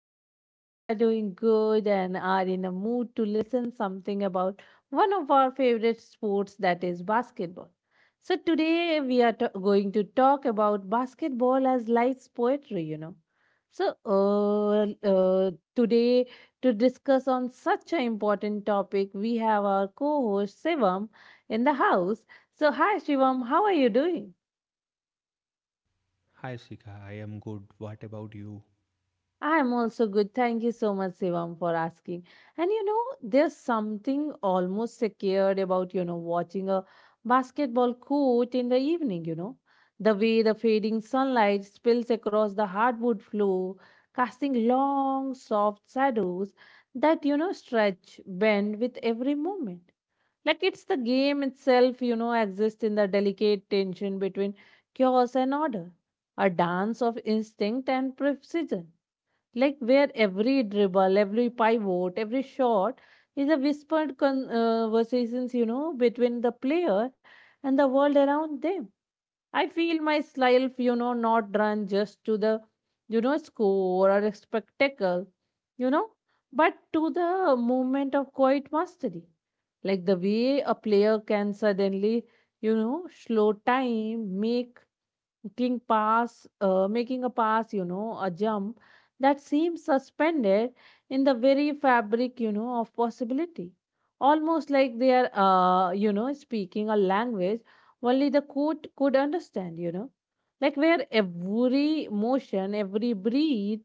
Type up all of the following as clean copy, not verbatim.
Hope you all are doing good and are in a mood to listen something about one of our favorite sports, that is basketball. So today we are going to talk about basketball as life's poetry. Today, to discuss on such an important topic, we have our co-host Shivam in the house. So hi, Shivam, how are you doing? Hi Sika, I am good. What about you? I'm also good. Thank you so much, Sivam, for asking. And you know, there's something almost secured about, you know, watching a basketball court in the evening, you know. The way the fading sunlight spills across the hardwood floor, casting long, soft shadows that, you know, stretch, bend with every movement. Like it's the game itself, you know, exists in the delicate tension between chaos and order, a dance of instinct and precision like where every dribble, every pivot, every shot is a whispered conversations, you know, between the player and the world around them. I feel myself, you know, not run just to the, you know, score or a spectacle, you know, but to the moment of quiet mastery. Like the way a player can suddenly, you know, slow time, make making a pass, you know, a jump that seems suspended in the very fabric, you know, of possibility. Almost like they are, you know, speaking a language only the court could understand, you know. Like where every motion, every breath,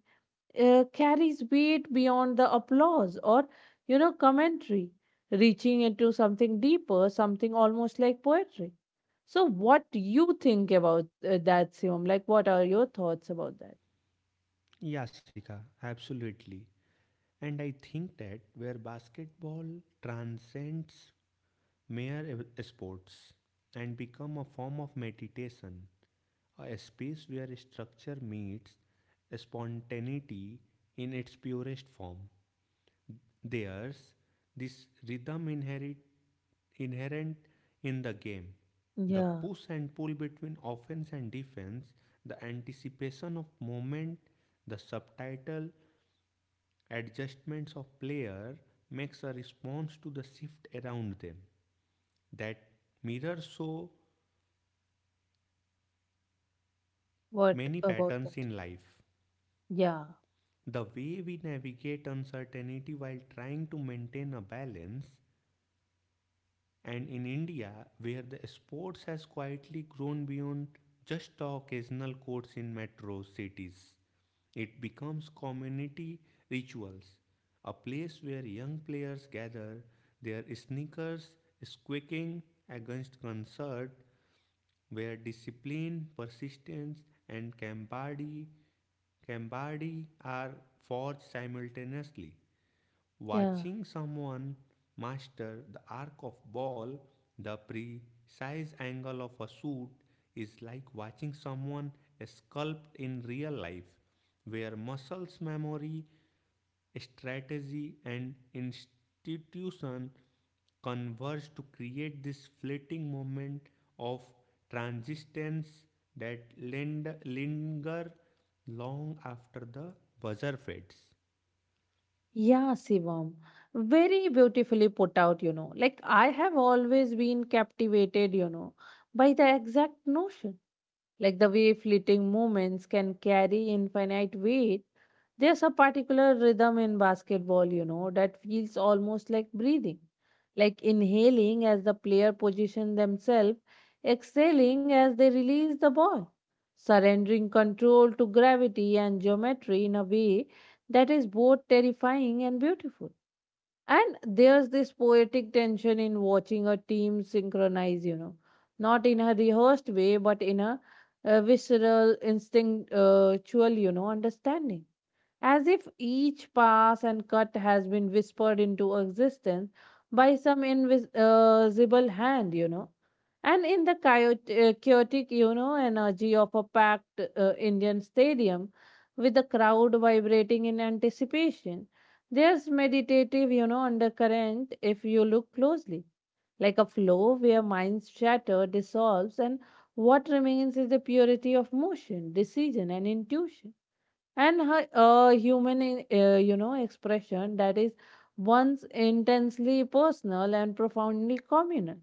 carries weight beyond the applause or, you know, commentary, reaching into something deeper, something almost like poetry. So what do you think about that, Sivam? Like what are your thoughts about that? Yeah, Sika, absolutely. And I think that where basketball transcends sports and become a form of meditation, a space where structure meets spontaneity in its purest form. There's this inherent in the game, the Yeah. push and pull between offense and defense, the anticipation of movement, the subtitle adjustments of player makes a response to the shift around them that mirrors so What many about patterns in that? life, Yeah. the way we navigate uncertainty while trying to maintain a balance. And in India, where the sports has quietly grown beyond just the occasional courts in metro cities, it becomes community rituals, a place where young players gather, their sneakers squeaking against concert, where discipline, persistence, and camaraderie are forged simultaneously. yeah Watching someone master the arc of ball, the precise angle of a shoot is like watching someone sculpt in real life, where muscles memory, strategy, and institution converge to create this fleeting moment of transistence that linger long after the buzzer fades. yeah. Sivam, very beautifully put out, you know. Like I have always been captivated, you know, by the exact notion, like the way fleeting moments can carry infinite weight. There's a particular rhythm in basketball, you know, that feels almost like breathing, like inhaling as the player position themselves, exhaling as they release the ball, surrendering control to gravity and geometry in a way that is both terrifying and beautiful. And there's this poetic tension in watching a team synchronize, you know, not in a rehearsed way, but in a, visceral, instinctual, you know, understanding as if each pass and cut has been whispered into existence by some invisible hand, you know. And in the chaotic, you know, energy of a packed Indian stadium, with the crowd vibrating in anticipation, there's meditative, you know, undercurrent if you look closely, like a flow where minds shatter, dissolves, and what remains is the purity of motion, decision, and intuition and her human you know, expression that is once intensely personal and profoundly communal,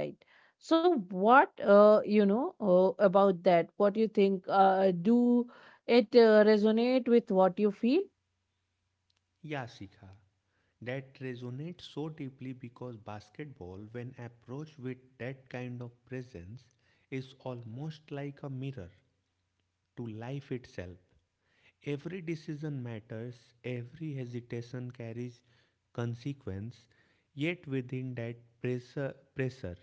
right? So what, you know, about that, what you think, do it resonate with what you feel? Yeah, Shikha. That resonates so deeply because basketball, when approached with that kind of presence, is almost like a mirror to life itself. Every decision matters, every hesitation carries consequence, yet within that pressure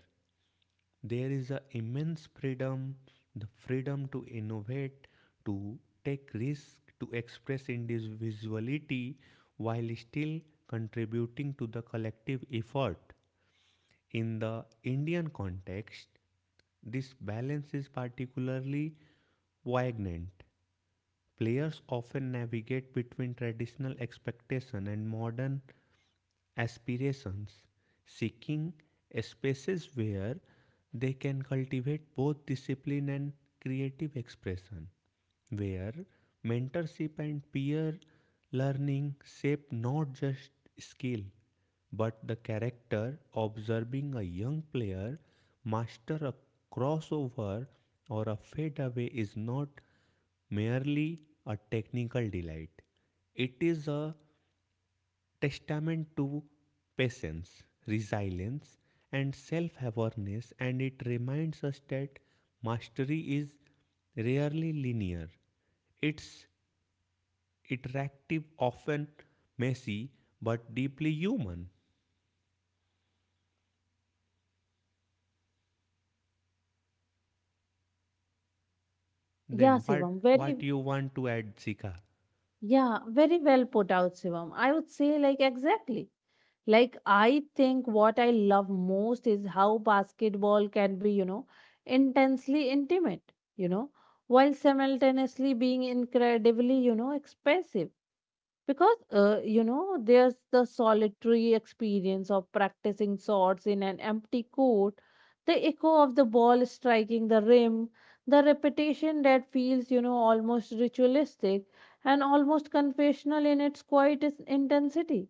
there is an immense freedom, the freedom to innovate, to take risks, to express individuality while still contributing to the collective effort. In the Indian context, this balance is particularly Vagnant. Players often navigate between traditional expectation and modern aspirations, seeking spaces where they can cultivate both discipline and creative expression, where mentorship and peer learning shape not just skill but the character observing a young player master a crossover or a fadeaway is not merely a technical delight. It is a testament to patience, resilience, and self awareness, and it reminds us that mastery is rarely linear. It's interactive, often messy, but deeply human. Yeah, Then Sivam, very. what you want to add, Sika? Yeah, very well put out, Sivam. I would say, like, exactly. Like, I think what I love most is how basketball can be, you know, intensely intimate, you know, while simultaneously being incredibly, you know, expressive. Because, you know, there's the solitary experience of practicing shots in an empty court, the echo of the ball striking the rim, the repetition that feels, you know, almost ritualistic and almost confessional in its quiet intensity,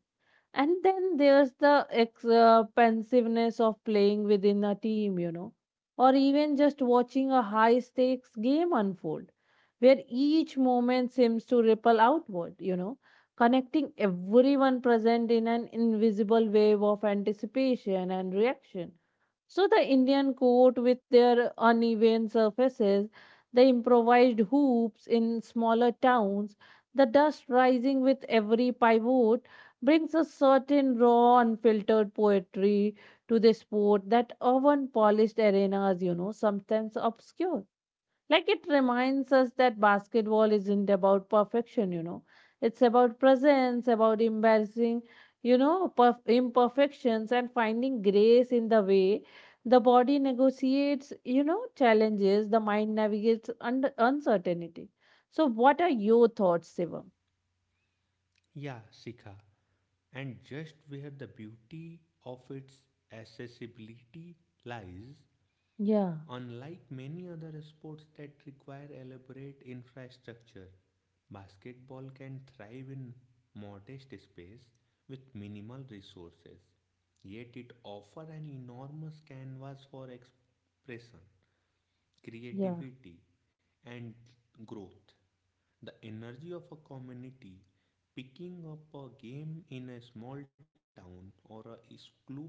and then there's the expensiveness of playing within a team, you know, or even just watching a high stakes game unfold, where each moment seems to ripple outward, you know, connecting everyone present in an invisible wave of anticipation and reaction. So the Indian court, with their uneven surfaces, the improvised hoops in smaller towns, the dust rising with every pivot, brings a certain raw, unfiltered poetry to the sport that even polished arenas, you know, sometimes obscure. Like it reminds us that basketball isn't about perfection, you know. It's about presence, about embarrassing, you know, imperfections and finding grace in the way the body negotiates, you know, challenges, the mind navigates under uncertainty. So, what are your thoughts, Sivam? Yeah, Sika. And just where the beauty of its accessibility lies, Yeah, unlike many other sports that require elaborate infrastructure, basketball can thrive in modest space with minimal resources. Yet it offers an enormous canvas for expression yeah, creativity, and growth. The energy of a community picking up a game in a small town or a school,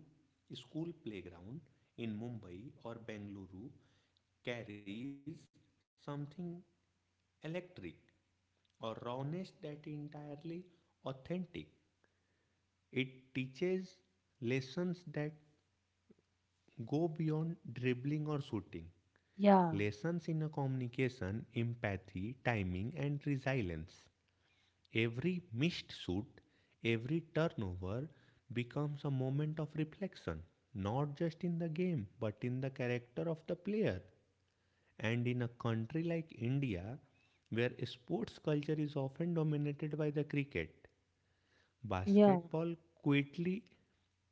school playground in Mumbai or Bengaluru carries something electric or rawness that is entirely authentic. It teaches lessons that go beyond dribbling or shooting. yeah, Lessons in a communication, empathy, timing, and resilience. Every missed shoot, every turnover becomes a moment of reflection, not just in the game, but in the character of the player. And in a country like India, where sports culture is often dominated by the cricket, yeah. basketball quietly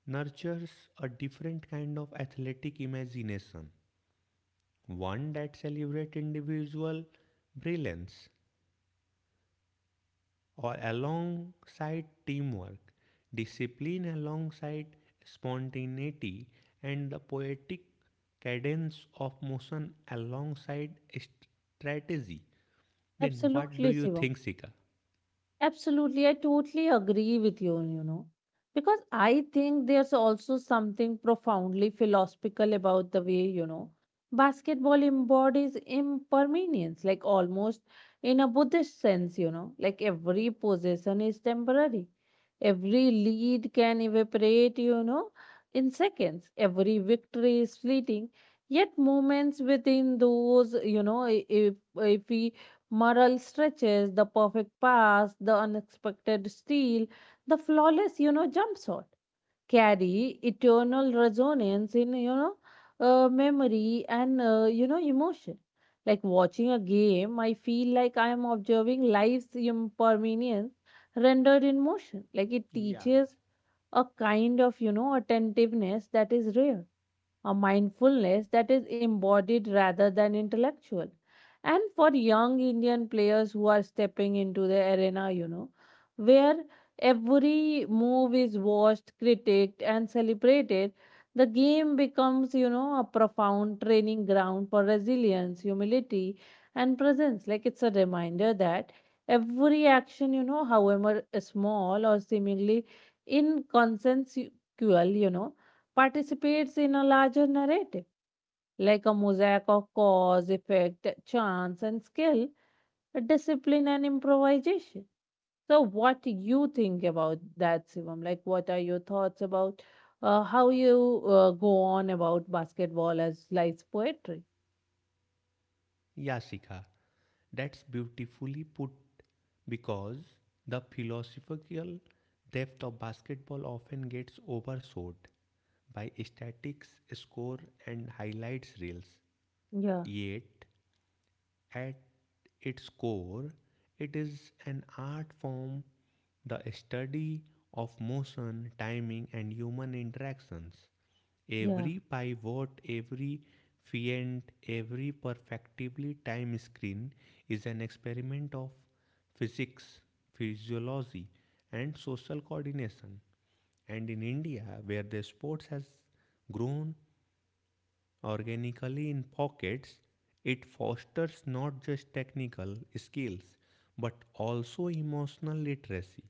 nurtures a different kind of athletic imagination, one that celebrates individual brilliance or alongside teamwork, discipline alongside spontaneity, and the poetic cadence of motion alongside strategy. Then what do Absolutely, you Shivam. think, Sika? Absolutely, I totally agree with you, you know, because I think there's also something profoundly philosophical about the way, you know, basketball embodies impermanence, like almost in a Buddhist sense, you know, like every possession is temporary. Every lead can evaporate, you know, in seconds. Every victory is fleeting. Yet, moments within those, you know, if we moral stretches, the perfect pass, the unexpected steal, the flawless, you know, jump shot carry eternal resonance in, you know, memory and, you know, emotion. Like watching a game, I feel like I am observing life's impermanence rendered in motion. Like it Yeah. teaches a kind of, you know, attentiveness that is rare, a mindfulness that is embodied rather than intellectual. And for young Indian players who are stepping into the arena, you know, where every move is watched, critiqued, and celebrated, the game becomes, you know, a profound training ground for resilience, humility, and presence. Like it's a reminder that every action, you know, however small or seemingly inconsequential, you know, participates in a larger narrative, like a mosaic of cause, effect, chance, and skill, discipline, and improvisation. So, what do you think about that, Shivam? Like, what are your thoughts about how you go on about basketball as life's poetry? Yeah, Sika. That's beautifully put because the philosophical depth of basketball often gets overshadowed by statistics, score, and highlights reels. Yeah, Yet, at its core, it is an art form, the study of motion, timing, and human interactions. yeah, Every pivot, every fient, every perfectively timed screen is an experiment of physics, physiology, and social coordination. And in India, where the sports has grown organically in pockets, it fosters not just technical skills but also emotional literacy,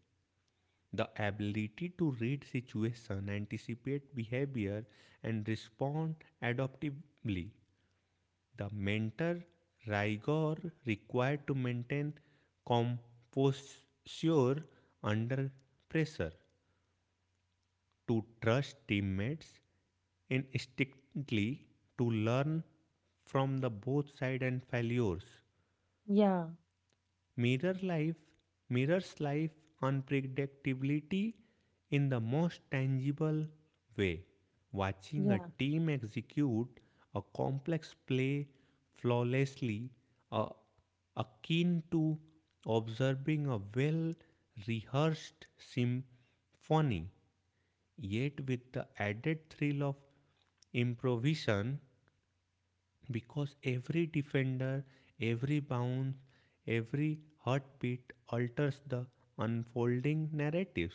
the ability to read situation, anticipate behavior and respond adaptively. The mentor rigor required to maintain composure under pressure, to trust teammates instinctively, to learn from the both side and failures yeah, mirror life mirrors life unpredictability in the most tangible way, watching a yeah, team execute a complex play flawlessly, uh, akin to observing a well rehearsed symphony yet with the added thrill of improvisation, because every defender, every bounce, every heartbeat alters the unfolding narratives.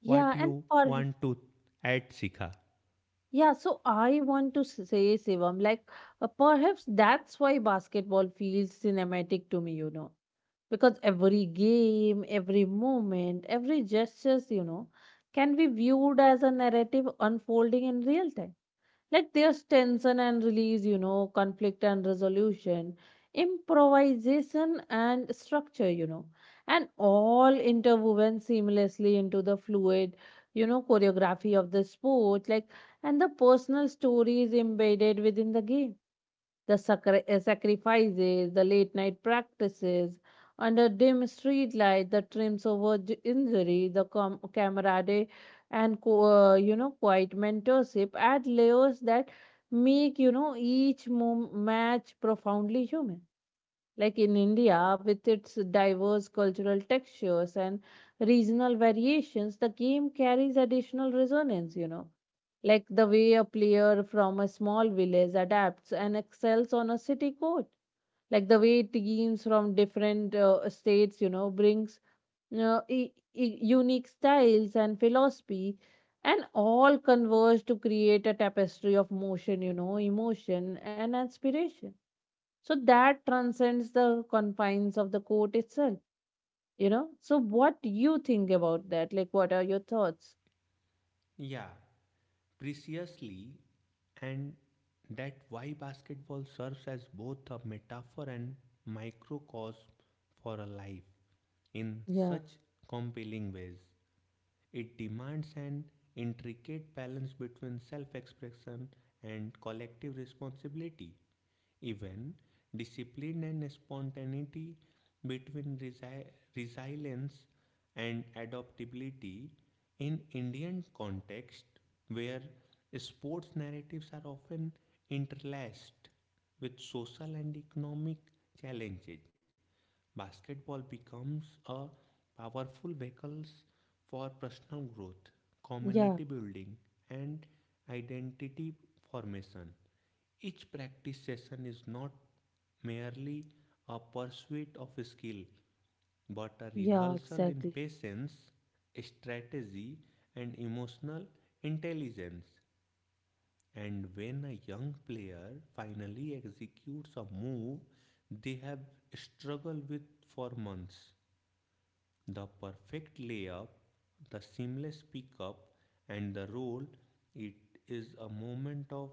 yeah. What And you for. want to add, Sika? Yeah, so I want to say, Sivam, like, perhaps that's why basketball feels cinematic to me, you know, because every game, every moment, every gestures, you know, can be viewed as a narrative unfolding in real time. Like there's tension and release, you know, conflict and resolution, improvisation and structure, you know, and all interwoven seamlessly into the fluid, you know, choreography of the sport, like, and the personal stories embedded within the game, the sacrifices, the late night practices, under dim street light, the trims over injury, the camaraderie, and you know, quiet mentorship add layers that make, you know, each match profoundly human. Like in India, with its diverse cultural textures and regional variations, the game carries additional resonance, you know. Like the way a player from a small village adapts and excels on a city court. Like the way teams from different states, you know, brings unique styles and philosophy and all converge to create a tapestry of motion, you know, emotion and inspiration so that transcends the confines of the court itself, you know. So what do you think about that? Like, what are your thoughts? Yeah, preciously, and that why basketball serves as both a metaphor and microcosm for a life in Yeah, such compelling ways. It demands an intricate balance between self expression and collective responsibility. Even discipline and spontaneity between resilience and adaptability in Indian context, where sports narratives are often interlaced with social and economic challenges, basketball becomes a powerful vehicle for personal growth, yeah, community building, and identity formation. Each practice session is not merely a pursuit of skill, but a yeah, rehearsal in exactly. patience, strategy, and emotional intelligence. And when a young player finally executes a move they have struggled with for months, the perfect layup, the seamless pickup, and the roll, it is a moment of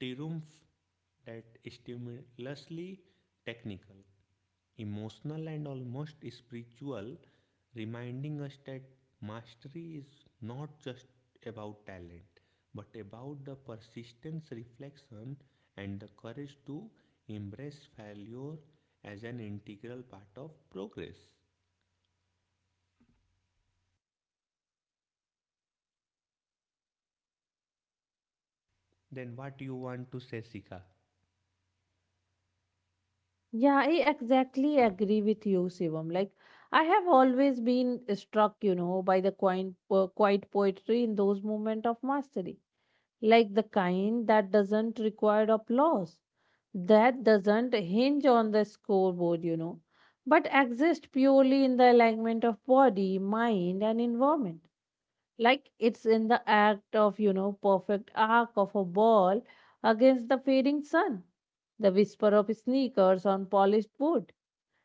triumph that stimulously technical, emotional, and almost spiritual, reminding us that mastery is not just about talent but about the persistence, reflection, and the courage to embrace failure as an integral part of progress. Then, what you want to say, Sika? Yeah, I exactly agree with you, Shivam. Like, I have always been struck, you know, by the quiet poetry in those moments of mastery, like the kind that doesn't require applause, that doesn't hinge on the scoreboard, you know, but exists purely in the alignment of body, mind, and environment. Like it's in the act of, you know, perfect arc of a ball against the fading sun, the whisper of sneakers on polished wood,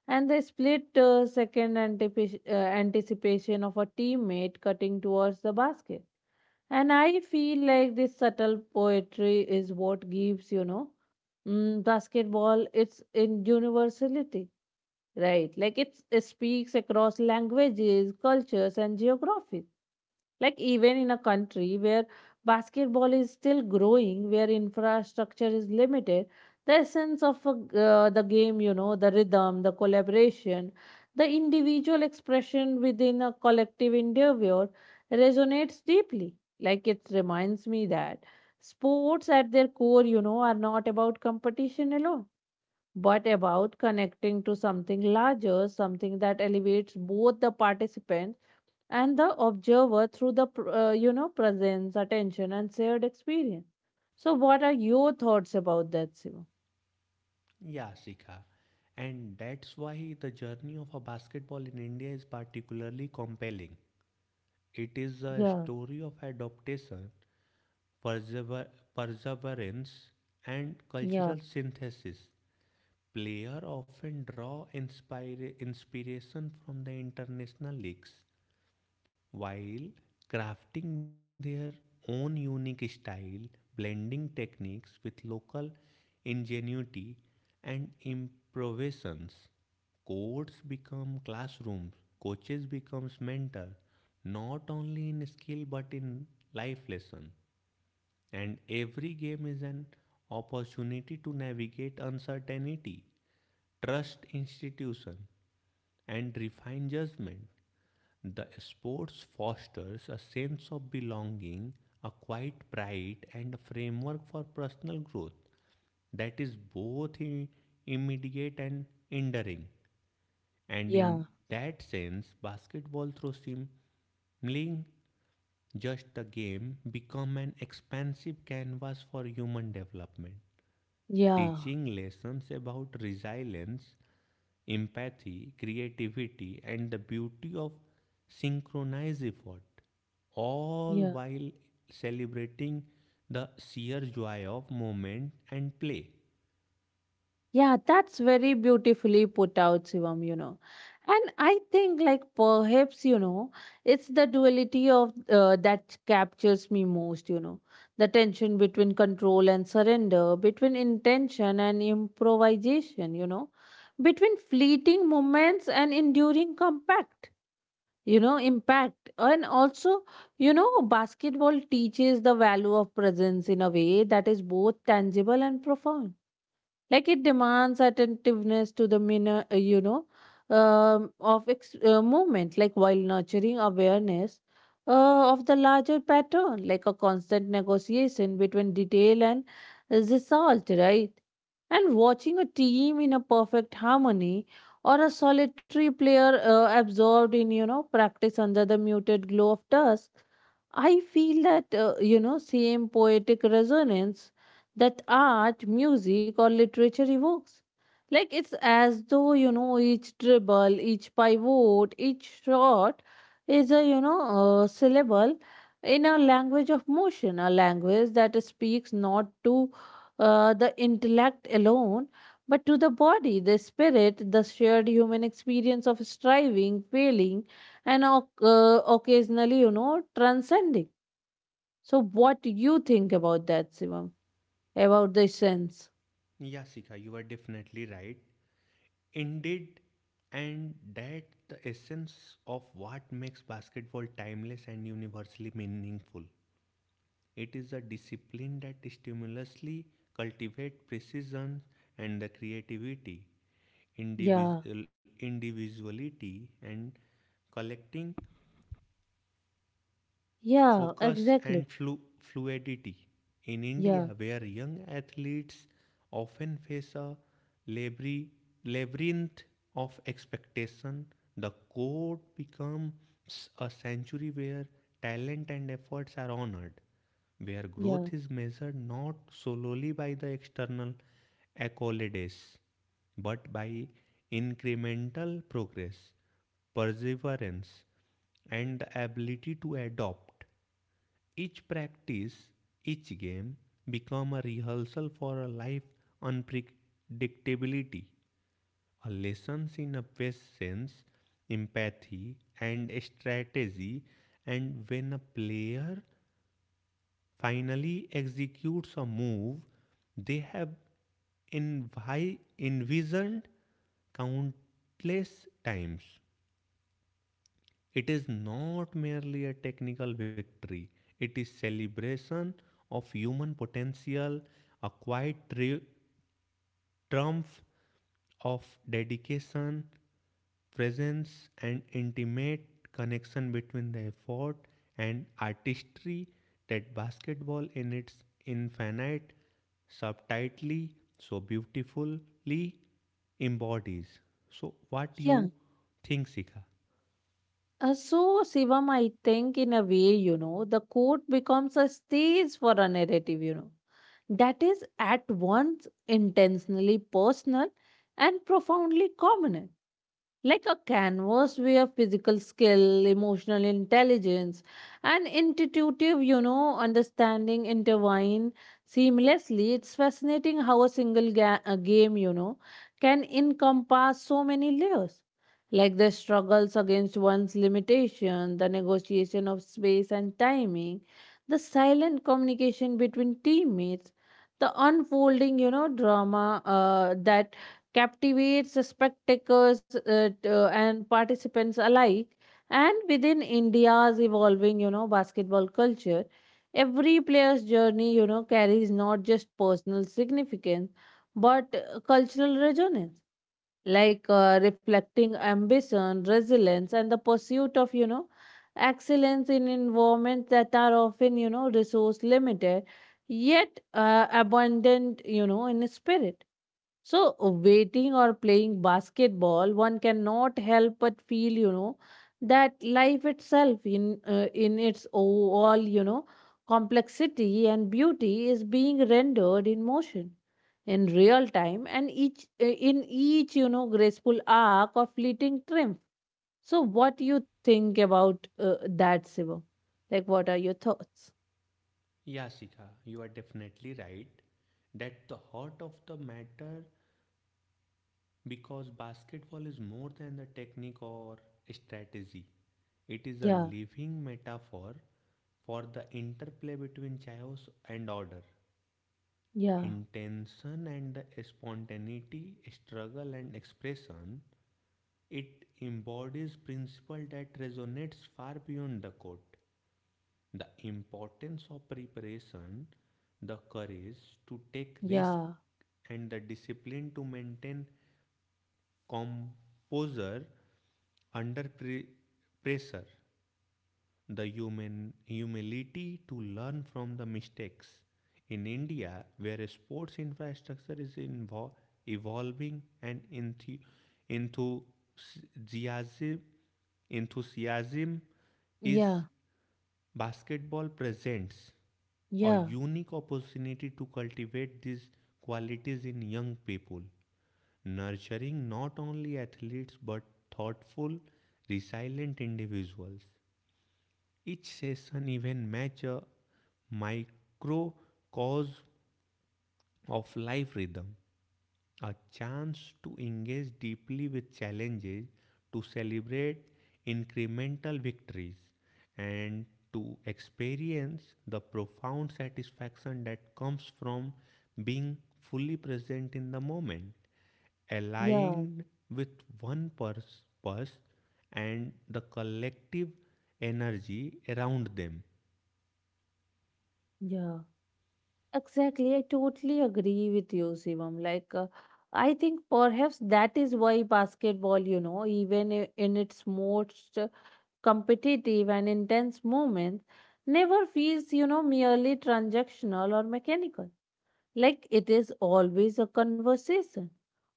and the split second anticipation of a teammate cutting towards the basket. And I feel like this subtle poetry is what gives, you know, basketball its in universality, right? Like it's, it speaks across languages, cultures, and geographies. Like even in a country where basketball is still growing, where infrastructure is limited, the essence of a the game, you know, the rhythm, the collaboration, the individual expression within a collective endeavor resonates deeply. Like it reminds me that sports at their core, you know, are not about competition alone, but about connecting to something larger, something that elevates both the participants and the observer through the you know, presence, attention and shared experience. So what are your thoughts about that, Siva? Yeah, Sika. And that's why the journey of a basketball in India is particularly compelling. It is a Yeah, story of adaptation, persever- perseverance, and yeah, cultural synthesis. Players often draw inspiration from the international leagues, while crafting their own unique style, blending techniques with local ingenuity and improvisations. Courts become classrooms, coaches becomes mentor, not only in skill but in life lesson. And every game is an opportunity to navigate uncertainty, trust institution, and refine judgment. The sports fosters a sense of belonging, a quiet pride, and a framework for personal growth that is both immediate and enduring. And in yeah, that sense, basketball through simling just a game become an expansive canvas for human development, yeah, teaching lessons about resilience, empathy, creativity, and the beauty of synchronized effort, all yeah. while celebrating the sheer joy of movement and play. Yeah, that's very beautifully put out, Shivam, you know. And I think, like, perhaps, you know, it's the duality of, that captures me most, you know. The tension between control and surrender, between intention and improvisation, you know, between fleeting moments and enduring compact, you know, impact. And also, you know, basketball teaches the value of presence in a way that is both tangible and profound, like it demands attentiveness to the minor, you know, of movement, like while nurturing awareness of the larger pattern, like a constant negotiation between detail and result, right? And watching a team in a perfect harmony or a solitary player, absorbed in, you know, practice under the muted glow of dusk, I feel that, you know, same poetic resonance that art, music, or literature evokes. Like it's as though, you know, each dribble, each pivot, each shot is a, a syllable in a language of motion, a language that speaks not to the intellect alone, but to the body, the spirit, the shared human experience of striving, failing, and occasionally, you know, transcending. So, what do you think about that, Sivam? About the sense? Yeah, Sikha, you are definitely right. Indeed, and that the essence of what makes basketball timeless and universally meaningful. It is a discipline that stimulously cultivates precision and the creativity, Yeah, individuality, and collecting yeah, focus and exactly. Fluidity. In India, Yeah, where young athletes often face a labri- labyrinth of expectation, the court becomes a sanctuary where talent and efforts are honored, where yeah, growth is measured not solely by the external accolades, but by incremental progress, perseverance, and the ability to adopt. Each practice, each game become a rehearsal for a life unpredictability, a lessons in a patience, empathy and strategy, and when a player finally executes a move they have envisioned countless times. It is not merely a technical victory, it is celebration of human potential, a quiet triumph of dedication, presence, and intimate connection between the effort and artistry that basketball, in its infinite subtlety, so beautifully embodies. So, what yeah. you think, Sika? So, Shivam, I think in a way, you know, the court becomes a stage for a narrative, you know, that is at once intentionally personal and profoundly communal, like a canvas where physical skill, emotional intelligence, and intuitive, you know, understanding intertwine seamlessly. It's fascinating how a game, you know, can encompass so many layers, like the struggles against one's limitation, the negotiation of space and timing, the silent communication between teammates. The unfolding, you know, drama that captivates spectators and participants alike. And within India's evolving, you know, basketball culture, every player's journey, you know, carries not just personal significance but cultural resonance, like reflecting ambition, resilience, and the pursuit of, you know, excellence in environments that are often, you know, resource limited, yet abundant, you know, in spirit. So, waiting or playing basketball, one cannot help but feel, you know, that life itself, in its all, you know, complexity and beauty, is being rendered in motion, in real time, and each in each, you know, graceful arc or fleeting triumph. So, what do you think about that, Siva? Like, what are your thoughts? Yeah, Shikha, you are definitely right. That the heart of the matter because basketball is more than the technique or strategy. It is a Yeah, living metaphor for the interplay between chaos and order, yeah, intention and the spontaneity, struggle and expression. It embodies principle that resonates far beyond the court, the importance of preparation, the courage to take risk, yeah, and the discipline to maintain composure under pressure, the human humility to learn from the mistakes. In India, where sports infrastructure is evolving and enthusiasm, enthusiasm is yeah, basketball presents a yeah, unique opportunity to cultivate these qualities in young people, nurturing not only athletes but thoughtful, resilient individuals. Each session even matches a microcosm of life rhythm, a chance to engage deeply with challenges, to celebrate incremental victories, and to experience the profound satisfaction that comes from being fully present in the moment, yeah, aligned with one purpose and the collective energy around them. yeah. Exactly, I totally agree with you, Shivam. Like, I think perhaps that is why basketball, you know, even in its most competitive and intense moments, never feels, you know, merely transactional or mechanical. Like it is always a conversation,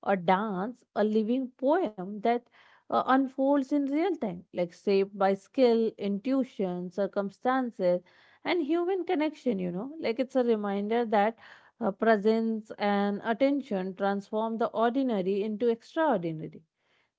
a dance, a living poem that unfolds in real time, like shaped by skill, intuition, circumstances, and human connection, you know. Like it's a reminder that presence and attention transform the ordinary into extraordinary,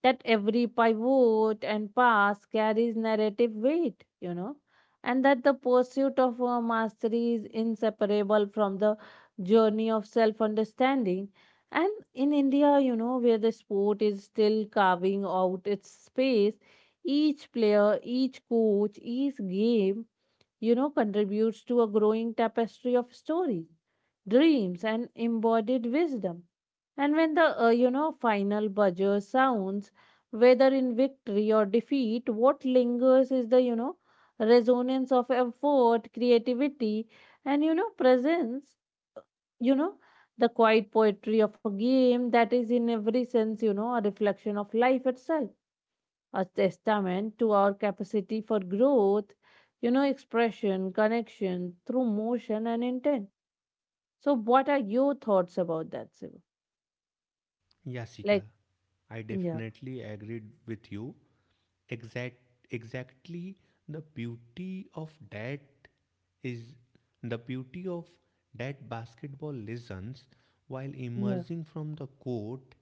that every pivot and pass carries narrative weight, you know, and that the pursuit of mastery is inseparable from the journey of self understanding. And in India, you know, where the sport is still carving out its space, each player, each coach, each game, you know, contributes to a growing tapestry of stories, dreams, and embodied wisdom. And when the you know, final buzzer sounds, whether in victory or defeat, what lingers is the, you know, resonance of effort, creativity, and, you know, presence. You know, the quiet poetry of a game that is in every sense, you know, a reflection of life itself, a testament to our capacity for growth, you know, expression, connection through motion and intent. So, what are your thoughts about that, Siva? Yasika, Like, I yeah, definitely agreed with you. Exact, exactly the beauty of that is the beauty of that basketball lessons, while yeah. emerging from the court,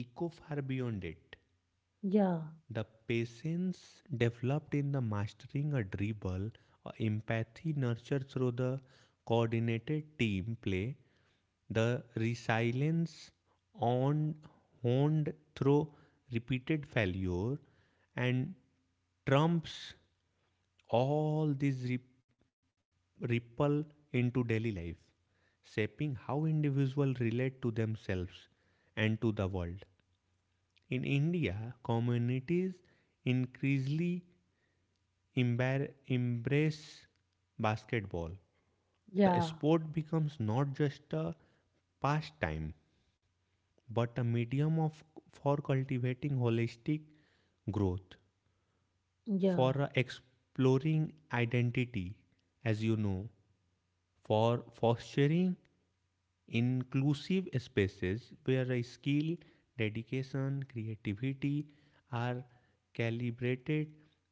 echo far beyond it. Yeah, The patience developed in the mastering a dribble, or empathy nurtured through the coordinated team play, the resilience on honed through repeated failure, and trumps all these ripple into daily life, shaping how individuals relate to themselves and to the world. In India, communities increasingly embrace basketball. The yeah, sport becomes not just a pastime, but a medium of for cultivating holistic growth, for yeah, exploring identity, as you know, for fostering inclusive spaces where a skill, dedication, creativity are calibrated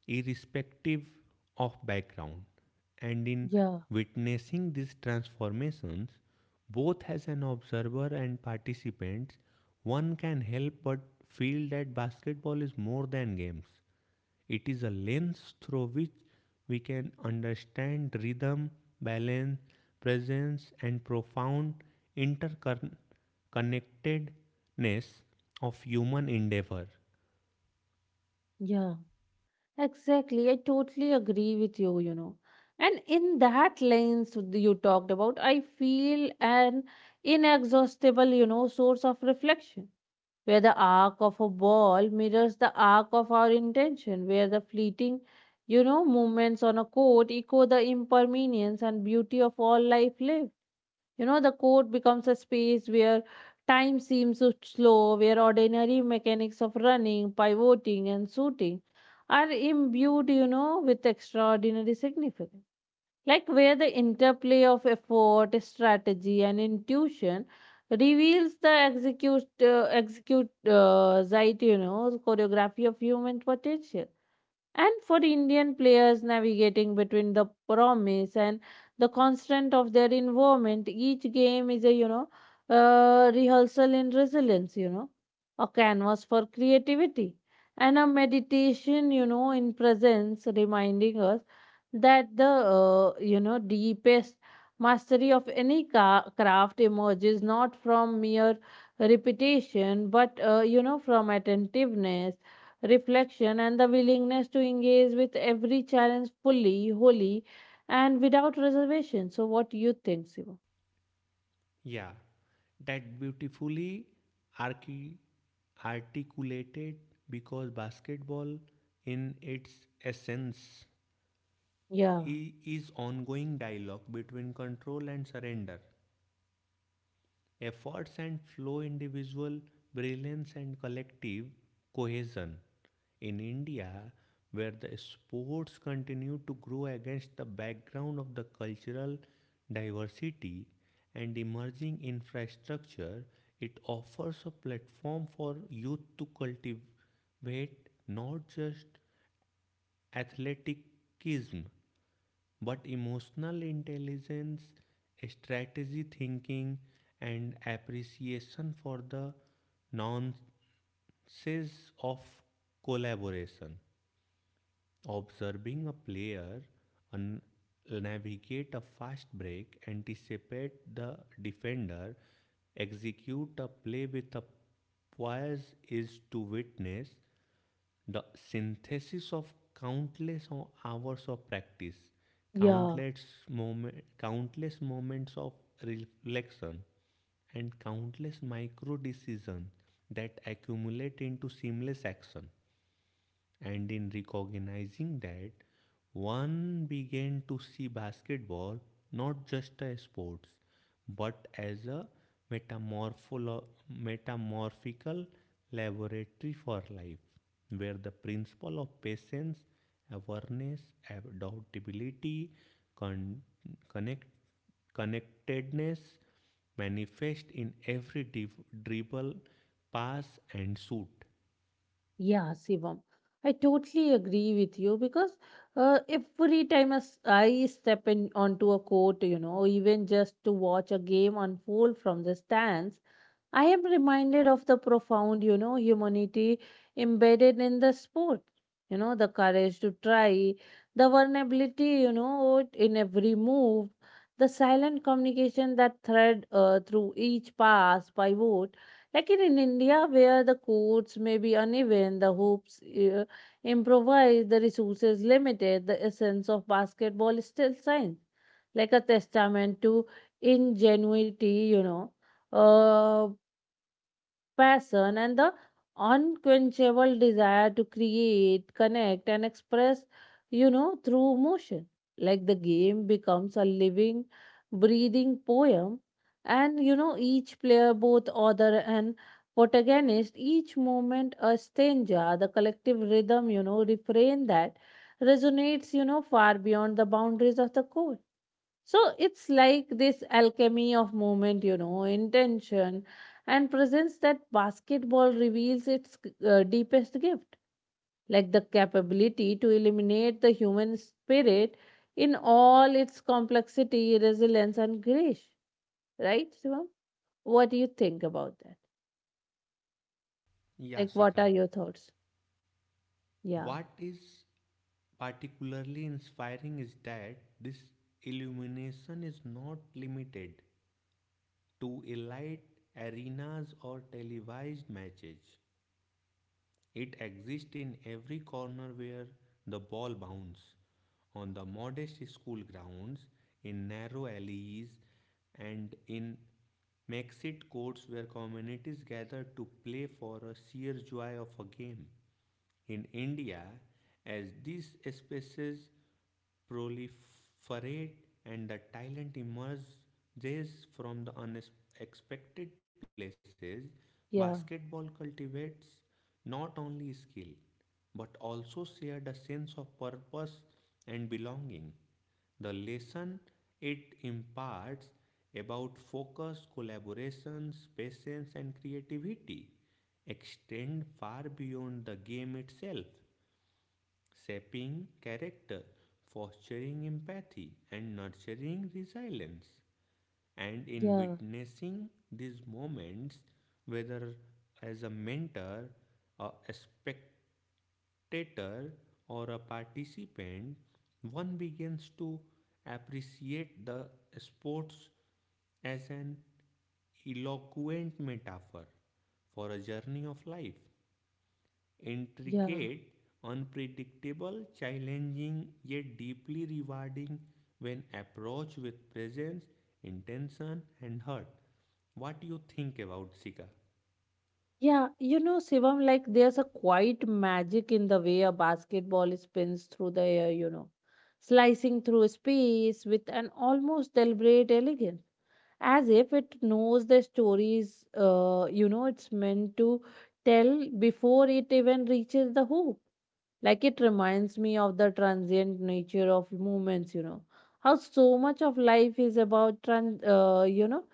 irrespective of background. And in yeah, witnessing these transformations, both as an observer and participant, one can help but feel that basketball is more than games. It is a lens through which we can understand rhythm, balance, presence, and profound interconnectedness of human endeavor. yeah. Exactly. I totally agree with you, you know. And in that lens you talked about, I feel an inexhaustible, you know, source of reflection, where the arc of a ball mirrors the arc of our intention, where the fleeting, you know, movements on a court echo the impermanence and beauty of all life lived. You know, the court becomes a space where time seems so slow, where ordinary mechanics of running, pivoting, and shooting are imbued, you know, with extraordinary significance. Like where the interplay of effort, strategy, and intuition reveals the right, you know, choreography of human potential. And for Indian players navigating between the promise and the constant of their involvement, each game is a, you know, rehearsal in resilience, you know, a canvas for creativity, and a meditation, you know, in presence, reminding us that the you know, deepest mastery of craft emerges not from mere repetition, but you know, from attentiveness, reflection, and the willingness to engage with every challenge fully, wholly, and without reservation. So, what do you think, Shivam? Yeah, that beautifully archi- articulated because basketball, in its essence, Yeah, is ongoing dialogue between control and surrender, efforts and flow, individual brilliance and collective cohesion in India where the sports continue to grow against the background of the cultural diversity and emerging infrastructure. It offers a platform for youth to cultivate not just athleticism but emotional intelligence, strategy thinking, and appreciation for the nuances of collaboration. Observing a player un- navigate a fast break, anticipate the defender, execute a play with a poise is to witness the synthesis of countless hours of practice, yeah, countless moments of reflection, and countless micro decisions that accumulate into seamless action. And in recognizing that, one began to see basketball not just a sport, but as a metamorpholo- metamorphical laboratory for life, where the principle of patience, awareness, adaptability, con- connect- connectedness manifest in every dribble, pass, and shoot. yeah, Shivam. I totally agree with you because every time as I step in onto a court, you know, even just to watch a game unfold from the stands, I am reminded of the profound, you know, humanity embedded in the sport. You know, the courage to try, the vulnerability, you know, in every move, the silent communication that thread through each pass, pivot. Like in India, where the courts may be uneven, the hoops improvised, the resources limited, the essence of basketball is still science, like a testament to ingenuity, you know. Uh, passion and the unquenchable desire to create, connect, and express, you know, through motion. Like the game becomes a living, breathing poem, and you know, each player, both author and protagonist, each moment a stanza, the collective rhythm, you know, refrain that resonates, you know, far beyond the boundaries of the court. So it's like this alchemy of movement, you know, intention and presence that basketball reveals its deepest gift, like the capability to eliminate the human spirit in all its complexity, resilience, and grace. Right, Shivam? What do you think about that? Yeah, Like, what are Shika. your thoughts? Yeah, What is particularly inspiring is that this illumination is not limited to elite arenas or televised matches. It exists in every corner where the ball bounces, on the modest school grounds, in narrow alleys, and in makeshift courts where communities gather to play for a sheer joy of a game in India as these species proliferate and the talent emerges from the unexpected places, basketball yeah, cultivates not only skill but also shared a sense of purpose and belonging. The lesson it imparts about focus, collaborations, patience, and creativity extend far beyond the game itself shaping character, fostering empathy, and nurturing resilience. And in yeah, witnessing these moments, whether as a mentor, a spectator, or a participant, one begins to appreciate the sports as an eloquent metaphor for a journey of life yeah. intricate, unpredictable, challenging, yet deeply rewarding when approached with presence, intention, and heart. What do you think about Sika? Yeah, you know, Shivam, like there's a quiet magic in the way a basketball spins through the air, you know, slicing through space with an almost deliberate elegance, as if it knows the stories, you know, it's meant to tell before it even reaches the hoop. Like it reminds me of the transient nature of movements, you know, how so much of life is about, you know,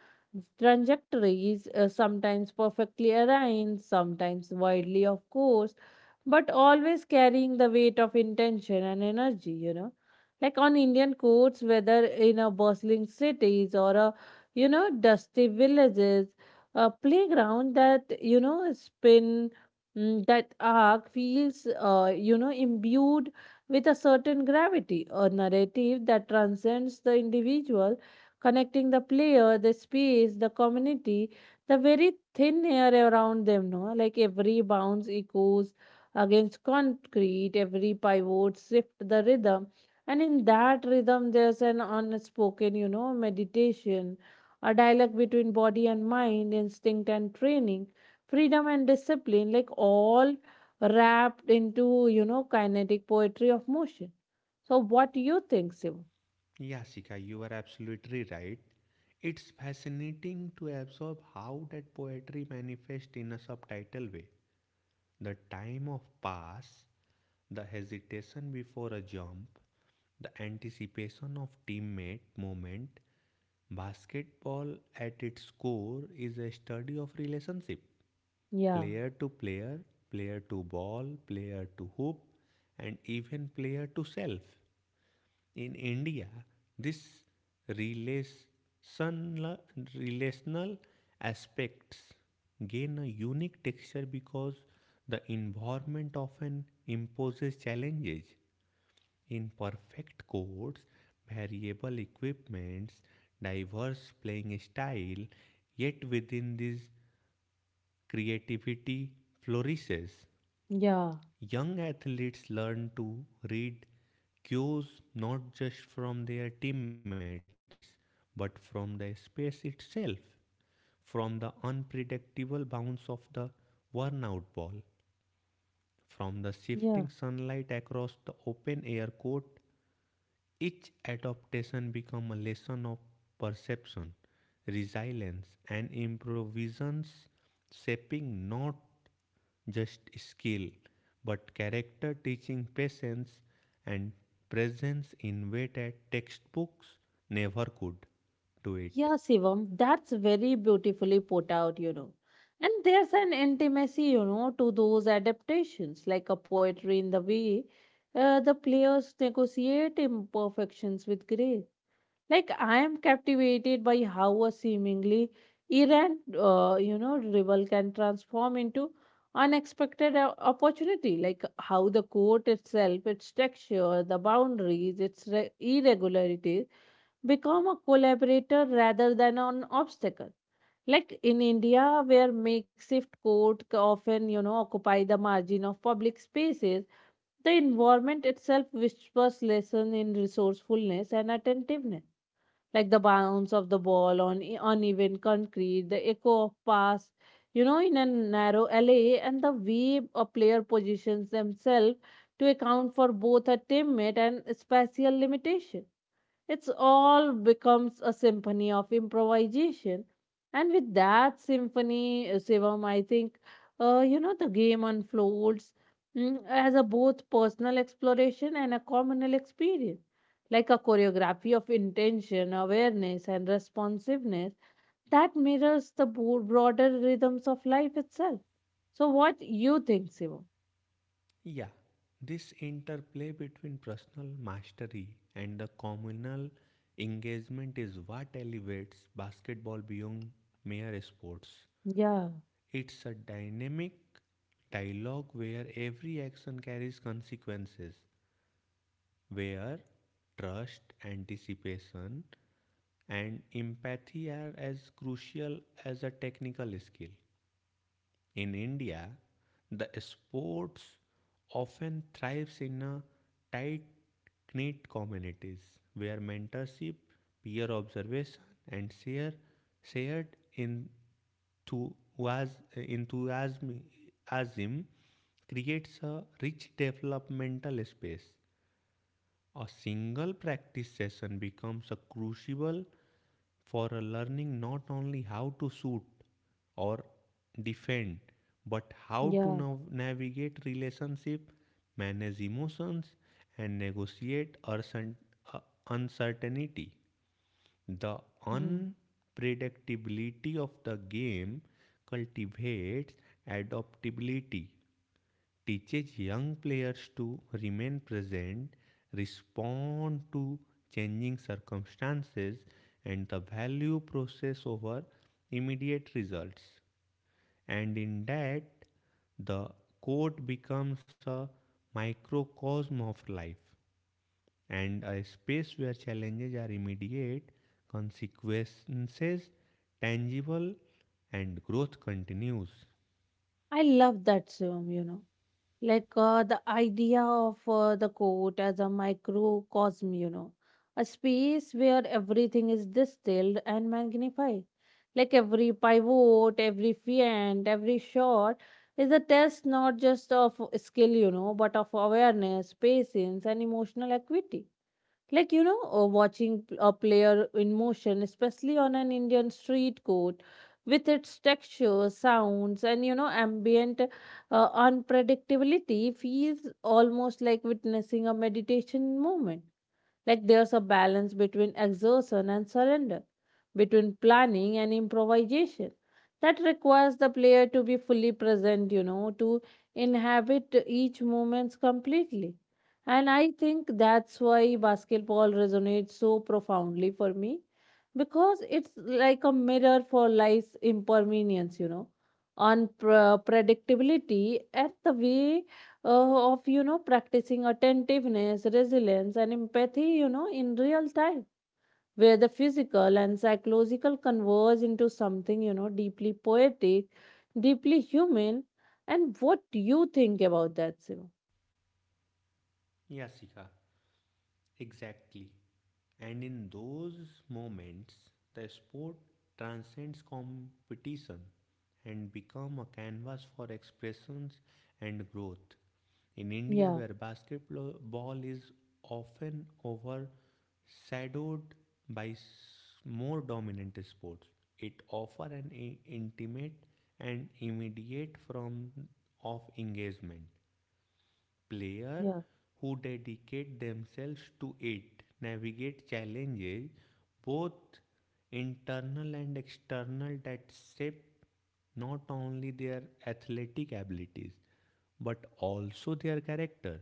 trajectories, sometimes perfectly aligned, sometimes wildly of course, but always carrying the weight of intention and energy, you know. Like on Indian coasts, whether in a bustling cities or a, you know, dusty villages, a playground that, you know, spin. Mm, that arc feels, you know, imbued with a certain gravity, a narrative that transcends the individual, connecting the player, the space, the community, the very thin air around them. No, like every bounce echoes against concrete, every pivot shift the rhythm, and in that rhythm there's an unspoken, you know, meditation, a dialogue between body and mind, instinct and training, freedom and discipline, like all wrapped into, you know, kinetic poetry of motion. So what do you think, Shivam? Yeah, Sika, you are absolutely right. It's fascinating to absorb how that poetry manifests in a subtitle way. The time of pass, the hesitation before a jump, the anticipation of teammate movement. Basketball at its core is a study of relationship. Yeah, Player to player, player to ball, player to hoop, and even player to self. In India, this relational, relational aspects gain a unique texture because the environment often imposes challenges. In perfect courts, variable equipments, diverse playing style, yet within this creativity flourishes. yeah, Young athletes learn to read cues not just from their teammates but from the space itself, from the unpredictable bounce of the worn out ball, from the shifting yeah. sunlight across the open air court, each adaptation becomes a lesson of perception, resilience, and improvisations, shaping not just skill but character, teaching patience and presence in way that textbooks never could do it. Yeah, Shivam, that's very beautifully put out, you know. And there's an intimacy, you know, to those adaptations, like a poetry in the way the players negotiate imperfections with grace. Like I am captivated by how a seemingly errant, you know, rival can transform into opportunity. Like how the court itself, its texture, the boundaries, its irregularities become a collaborator rather than an obstacle. Like in India, where often, you know, occupy the margin of public spaces, the environment itself whispers lesson in resourcefulness and attentiveness, like the bounce of the ball on uneven concrete, the echo of pass, you know, in a narrow alley, and the way a player positions themselves to account for both a teammate and spatial limitation, it's all becomes a symphony of improvisation. And with that symphony, Shivam, I think, you know, the game unfolds, mm, as a both personal exploration and a communal experience, like a choreography of intention, awareness, and responsiveness that mirrors the broader rhythms of life itself. So what you think, Shivam? Yeah, this interplay between personal mastery and the communal engagement is what elevates basketball beyond mere sports. Yeah, It's a dynamic dialogue where every action carries consequences, where trust, anticipation, and empathy are as crucial as a technical skill. In India, the sports often thrives in a tight-knit communities where mentorship, peer observation, and shared enthusiasm creates a rich developmental space. A single practice session becomes a crucible for a learning not only how to shoot or defend, but how to yeah, navigate relationship, manage emotions, and negotiate uh, uncertainty. The yeah. unpredictability of the game cultivates adaptability teaches young players to remain present, respond to changing circumstances, and the value process over immediate results. And in that, the court becomes a microcosm of life and a space where challenges are immediate, consequences tangible, and growth continues. I love that, Shivam, you know. Like the idea of the court as a microcosm, you know, a space where everything is distilled and magnified, like every pivot, every feint, every shot is a test not just of skill, you know, but of awareness, patience, and emotional equity. Like, you know, a player in motion, especially on an Indian street court, with its texture, sounds, and, you know, ambient unpredictability, feels almost like witnessing a meditation moment. Like there's a balance between exertion and surrender, between planning and improvisation. That requires the player to be fully present, you know, to inhabit each moment completely. And I think that's why basketball resonates so profoundly for me, because it's like a mirror for life's impermanence, you know, unpredictability. At the way of, you know, practicing attentiveness, resilience, and empathy, you know, in real time, where the physical and psychological converge into something, you know, deeply poetic, deeply human. And what do you think about that, Siva? Yeah, Sika. Exactly. And in those moments, the sport transcends competition and become a canvas for expressions and growth. In India, Yeah, where basketball is often overshadowed by more dominant sports, it offers an intimate and immediate form of engagement player yeah, who dedicate themselves to it navigate challenges both internal and external that shape not only their athletic abilities but also their character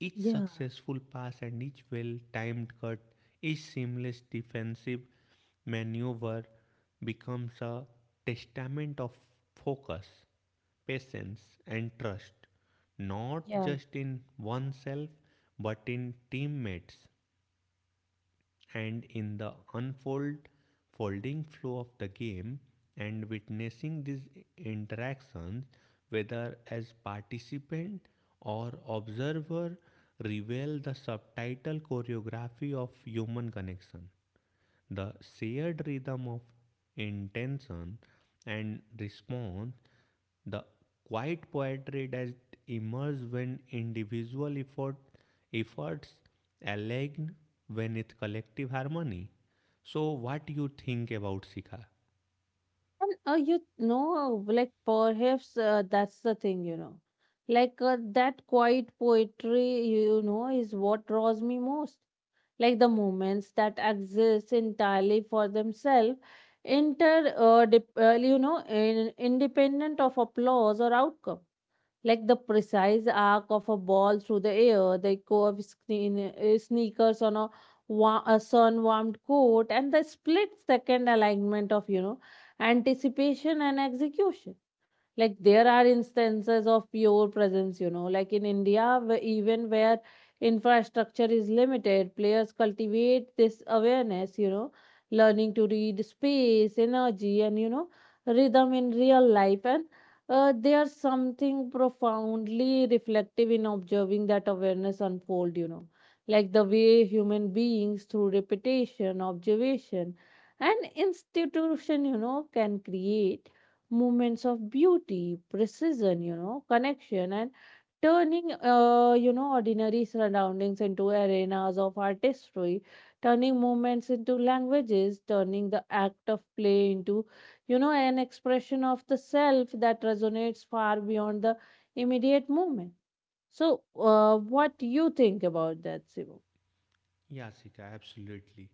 each yeah, successful pass and each well timed cut, each seamless defensive maneuver becomes a testament of focus, patience, and trust, not yeah. just in oneself but in teammates and in the unfold folding flow of the game and witnessing these interactions whether as participant or observer reveal the subtitle choreography of human connection the shared rhythm of intention and response the quiet poetry that emerges when efforts align with collective harmony. So, what do you think about Sika? And you know, like perhaps that's the thing, you know, like that quiet poetry, you know, is what draws me most. Like the movements that exist entirely for themselves, inter dep- you know in, independent of applause or outcome. Like the precise arc of a ball through the air, the echo of screen, sneakers on a sun warmed coat, and the split second alignment of anticipation and execution. Like there are instances of pure presence, like in India, even where infrastructure is limited, players cultivate this awareness. Learning to read space, energy, and rhythm in real life, and there's something profoundly reflective in observing that awareness unfold. Like the way human beings, through repetition, observation, and institution, can create moments of beauty, precision, connection, and turning, ordinary surroundings into arenas of artistry, turning moments into languages, turning the act of play into, an expression of the self that resonates far beyond the immediate moment. So, what do you think about that, Simu? Yeah, Sika, absolutely.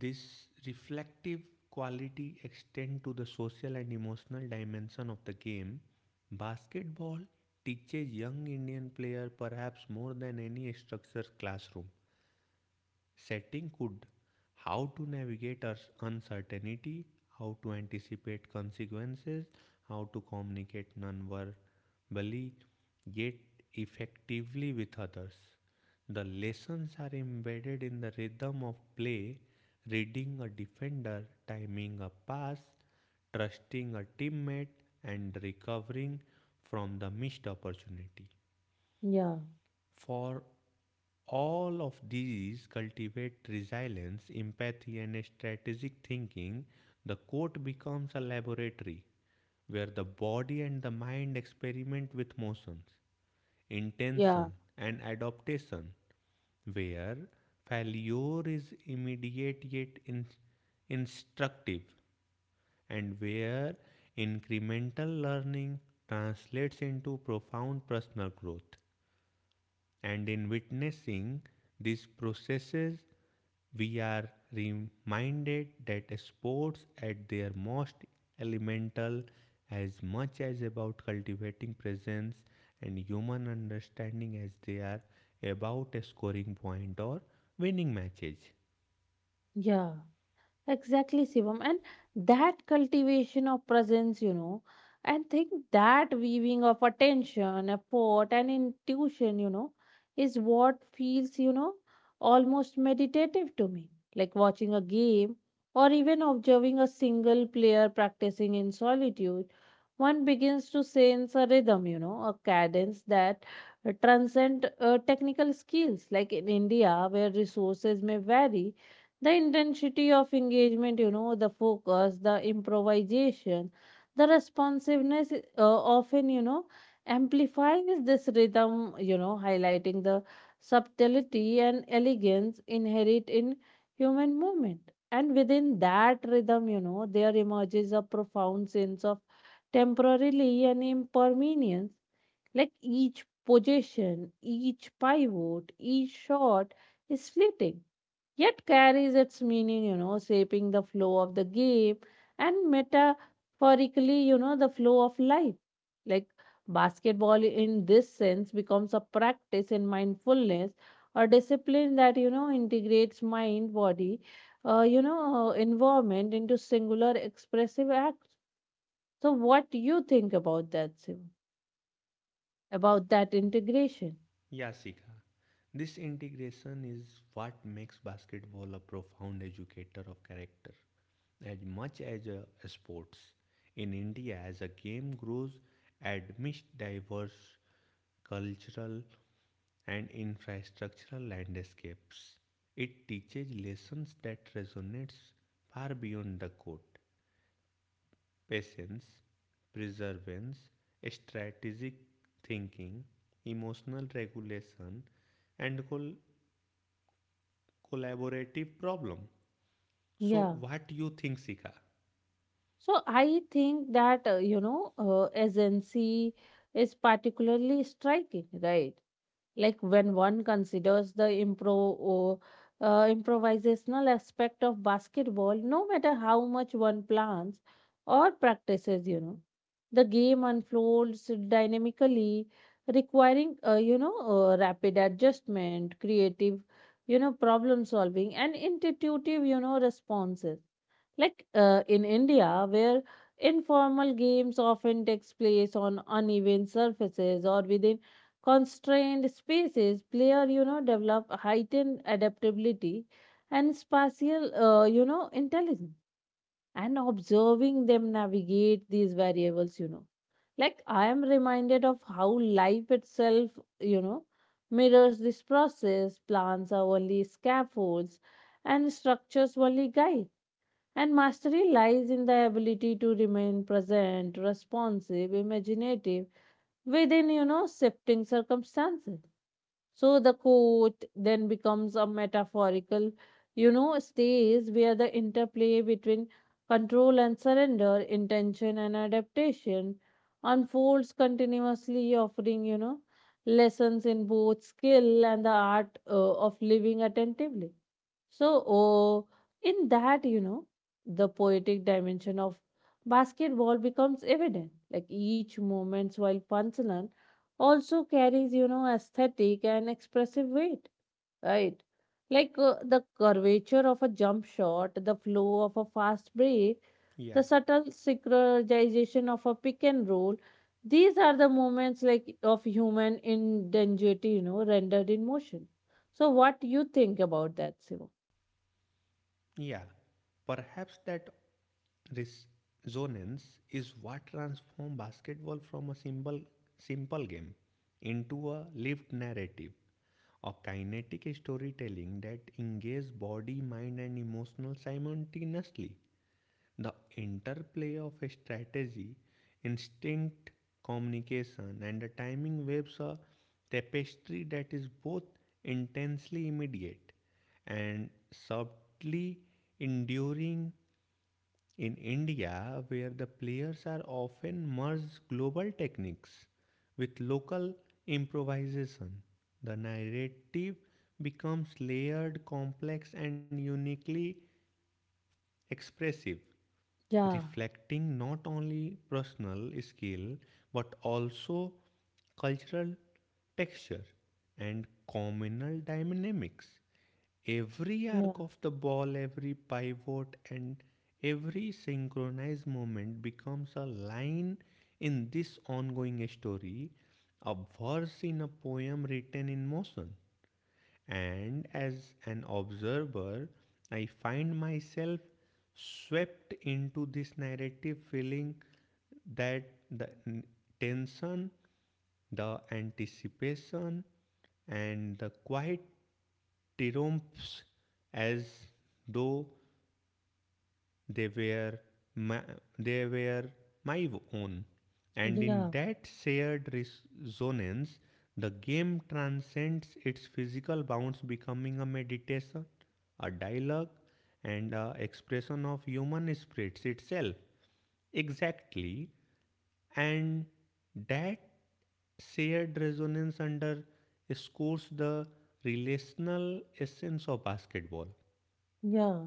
This reflective quality extends to the social and emotional dimension of the game. Basketball teaches young Indian player perhaps more than any structured classroom setting could how to navigate uncertainty, how to anticipate consequences, how to communicate non-verbally yet effectively with others. The lessons are embedded in the rhythm of play reading a defender timing a pass trusting a teammate and recovering from the missed opportunity Yeah, for all of these cultivate resilience, empathy, and strategic thinking, the court becomes a laboratory where the body and the mind experiment with motions, yeah, intention, and adaptation, where failure is immediate yet instructive, and where incremental learning translates into profound personal growth. And in witnessing these processes, we are reminded that sports at their most elemental as much as about cultivating presence and human understanding as they are about scoring point or winning matches. yeah. Exactly, Shivam. And that cultivation of presence, and think that weaving of attention, effort, and intuition, is what feels, almost meditative to me. Like watching a game or even observing a single player practicing in solitude, one begins to sense a rhythm, a cadence that transcend technical skills. Like in India, where resources may vary, the intensity of engagement, the focus, the improvisation, the responsiveness, often amplifies this rhythm, highlighting the subtlety and elegance inherent in human movement. And within that rhythm, there emerges a profound sense of temporality and impermanence. Like each position, each pivot, each shot is fleeting, yet carries its meaning, shaping the flow of the game and, metaphorically, the flow of life. Like basketball, in this sense, becomes a practice in mindfulness, a discipline that, integrates mind, body, environment into singular expressive acts. So, what do you think about that, Sim? About that integration? Yasika, this integration is what makes basketball a profound educator of character, as much as sports. In India, as a game grows amidst diverse cultural and infrastructural landscapes, it teaches lessons that resonates far beyond the court. Patience, perseverance, strategic thinking, emotional regulation, and collaborative problem. So, Yeah. what you think, Sika? So I think that, agency is particularly striking, right? Like when one considers the improvisational aspect of basketball, no matter how much one plans or practices, the game unfolds dynamically, requiring, rapid adjustment, creative, problem solving, and intuitive, responses, like in India, where informal games often takes place on uneven surfaces or within constrained spaces, player develop heightened adaptability and spatial, intelligence. And observing them navigate these variables, like I am reminded of how life itself, you know mirrors this process. Plants are only scaffolds, and structures only guides, and mastery lies in the ability to remain present, responsive, imaginative within, shifting circumstances. So the quote then becomes a metaphorical, stage where the interplay between control and surrender, intention and adaptation unfolds continuously, offering, lessons in both skill and the art of living attentively. So, oh, in that, the poetic dimension of basketball becomes evident. Like each moment, while Pansalan, also carries, aesthetic and expressive weight, right? Like the curvature of a jump shot, the flow of a fast break, Yeah. the subtle synchronization of a pick and roll. These are the moments like of human ingenuity, rendered in motion. So, what do you think about that, Simon? Yeah, perhaps that resonance is what transformed basketball from a simple game into a lived narrative, a kinetic storytelling that engages body, mind, and emotional simultaneously. The interplay of a strategy, instinct, communication, and the timing waves a tapestry that is both intensely immediate and subtly enduring. In India, where the players are often merge global techniques with local improvisation, the narrative becomes layered, complex, and uniquely expressive Yeah, reflecting not only personal skill but also cultural texture and communal dynamics. Every yeah, arc of the ball, every pivot, and every synchronized movement becomes a line in this ongoing story, a verse in a poem written in motion. And as an observer, I find myself swept into this narrative feeling that the tension, the anticipation, and the quiet triumphs as though they were my, they were my own. And yeah, in that shared resonance, the game transcends its physical bounds, becoming a meditation, a dialogue, and a expression of human spirits itself. Exactly. And that shared resonance underscores the relational essence of basketball. yeah,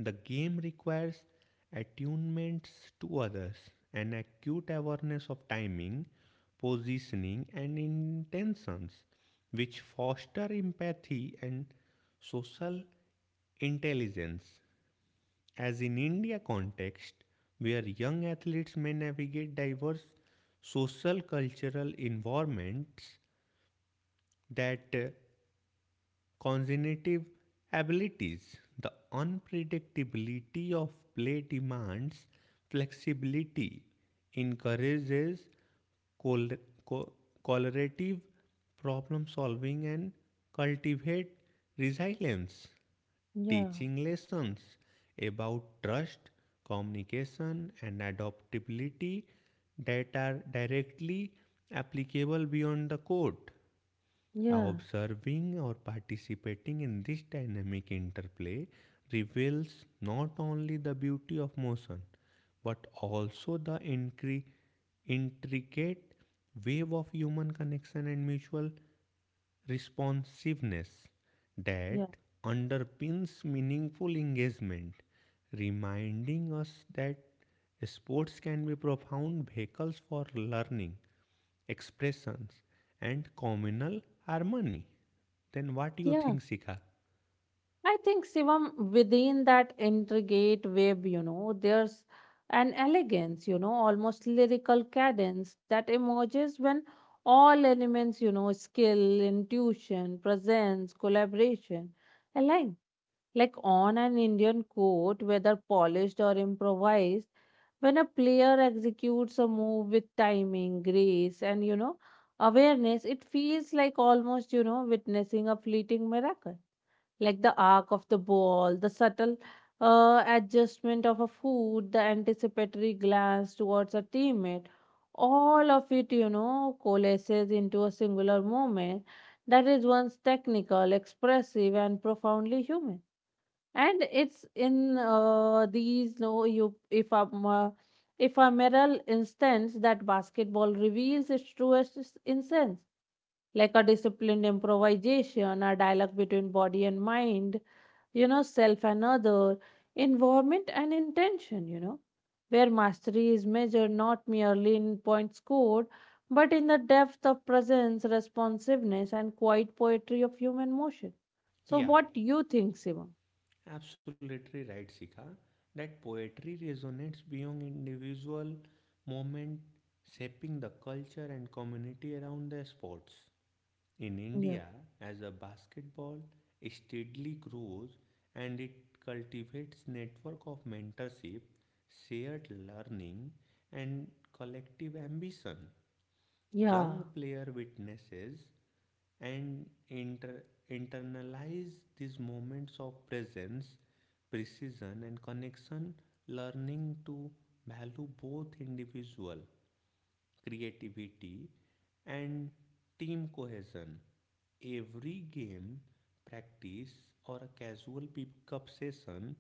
The game requires attunements to others, an acute awareness of timing, positioning, and intentions, which foster empathy and social intelligence. As in India context, where young athletes may navigate diverse social cultural environments that cognitive abilities. The unpredictability of play demands flexibility, encourages col- co- collaborative problem solving, and cultivate resilience, yeah, teaching lessons about trust, communication, and adaptability that are directly applicable beyond the court. yeah, Observing or participating in this dynamic interplay reveals not only the beauty of motion but also the intricate wave of human connection and mutual responsiveness yeah, that underpins meaningful engagement, reminding us that sports can be profound vehicles for learning expressions, and communal harmony. Then what do you yeah. think, Sika? I think, Shivam, within that intricate web, there's an elegance, almost lyrical cadence that emerges when all elements, skill, intuition, presence, collaboration, align. Like on an Indian court, whether polished or improvised, when a player executes a move with timing, grace, and awareness, it feels like almost, witnessing a fleeting miracle. Like the arc of the ball, the subtle, adjustment of a foot, the anticipatory glance towards a teammate, all of it, coalesces into a singular moment that is once technical, expressive, and profoundly human. And it's in these no you if a mirror instance that basketball reveals its truest essence, like a disciplined improvisation, a dialogue between body and mind, self and other, involvement and intention, where mastery is measured not merely in points scored, but in the depth of presence, responsiveness, and quiet poetry of human motion. So Yeah, what do you think, Simon? absolutely right, Sika. That poetry resonates beyond individual moment, shaping the culture and community around the sports. In India, as a basketball steadily grows and it cultivates network of mentorship, shared learning, and collective ambition. Yeah, Young player witnesses and internalize these moments of presence precision and connection learning to value both individual creativity and team cohesion every game practice or a casual pickup session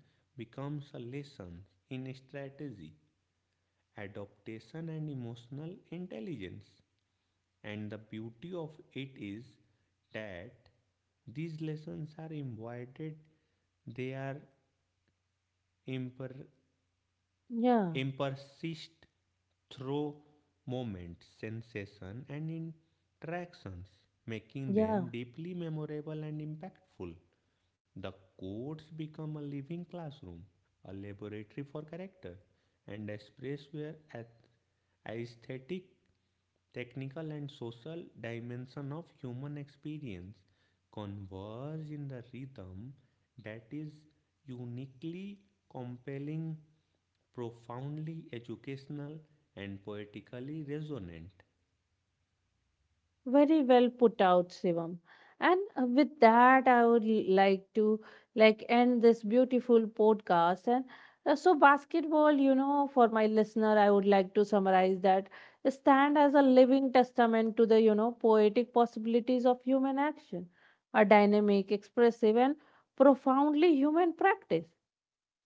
becomes a lesson in strategy adaptation and emotional intelligence and the beauty of it is that these lessons are embodied, they are imper- yeah, impersist through moments, sensation, and interactions, making them yeah. deeply memorable and impactful. The codes become a living classroom, a laboratory for character, and a space where aesthetic technical and social dimension of human experience converge in the rhythm that is uniquely compelling, profoundly educational, and poetically resonant. Very well put out, Shivam. And with that, I would like to end this beautiful podcast. And basketball, for my listener, I would like to summarize that stand as a living testament to the, poetic possibilities of human action, a dynamic, expressive, and profoundly human practice.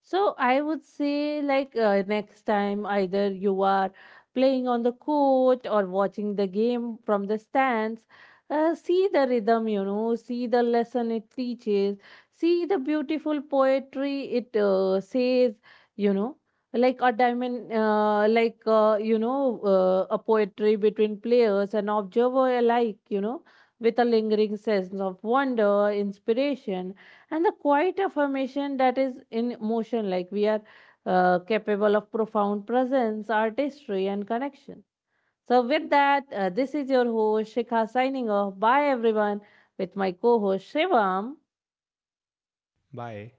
So I would say, like, next time, either you are playing on the court or watching the game from the stands, see the rhythm, see the lesson it teaches, see the beautiful poetry it says, you know, like a diamond, a poetry between players and observer alike, with a lingering sense of wonder, inspiration, and the quiet affirmation that is in motion, like we are capable of profound presence, artistry, and connection. So with that, this is your host, Shikha, signing off. Bye everyone, with my co-host Shivam. Bye.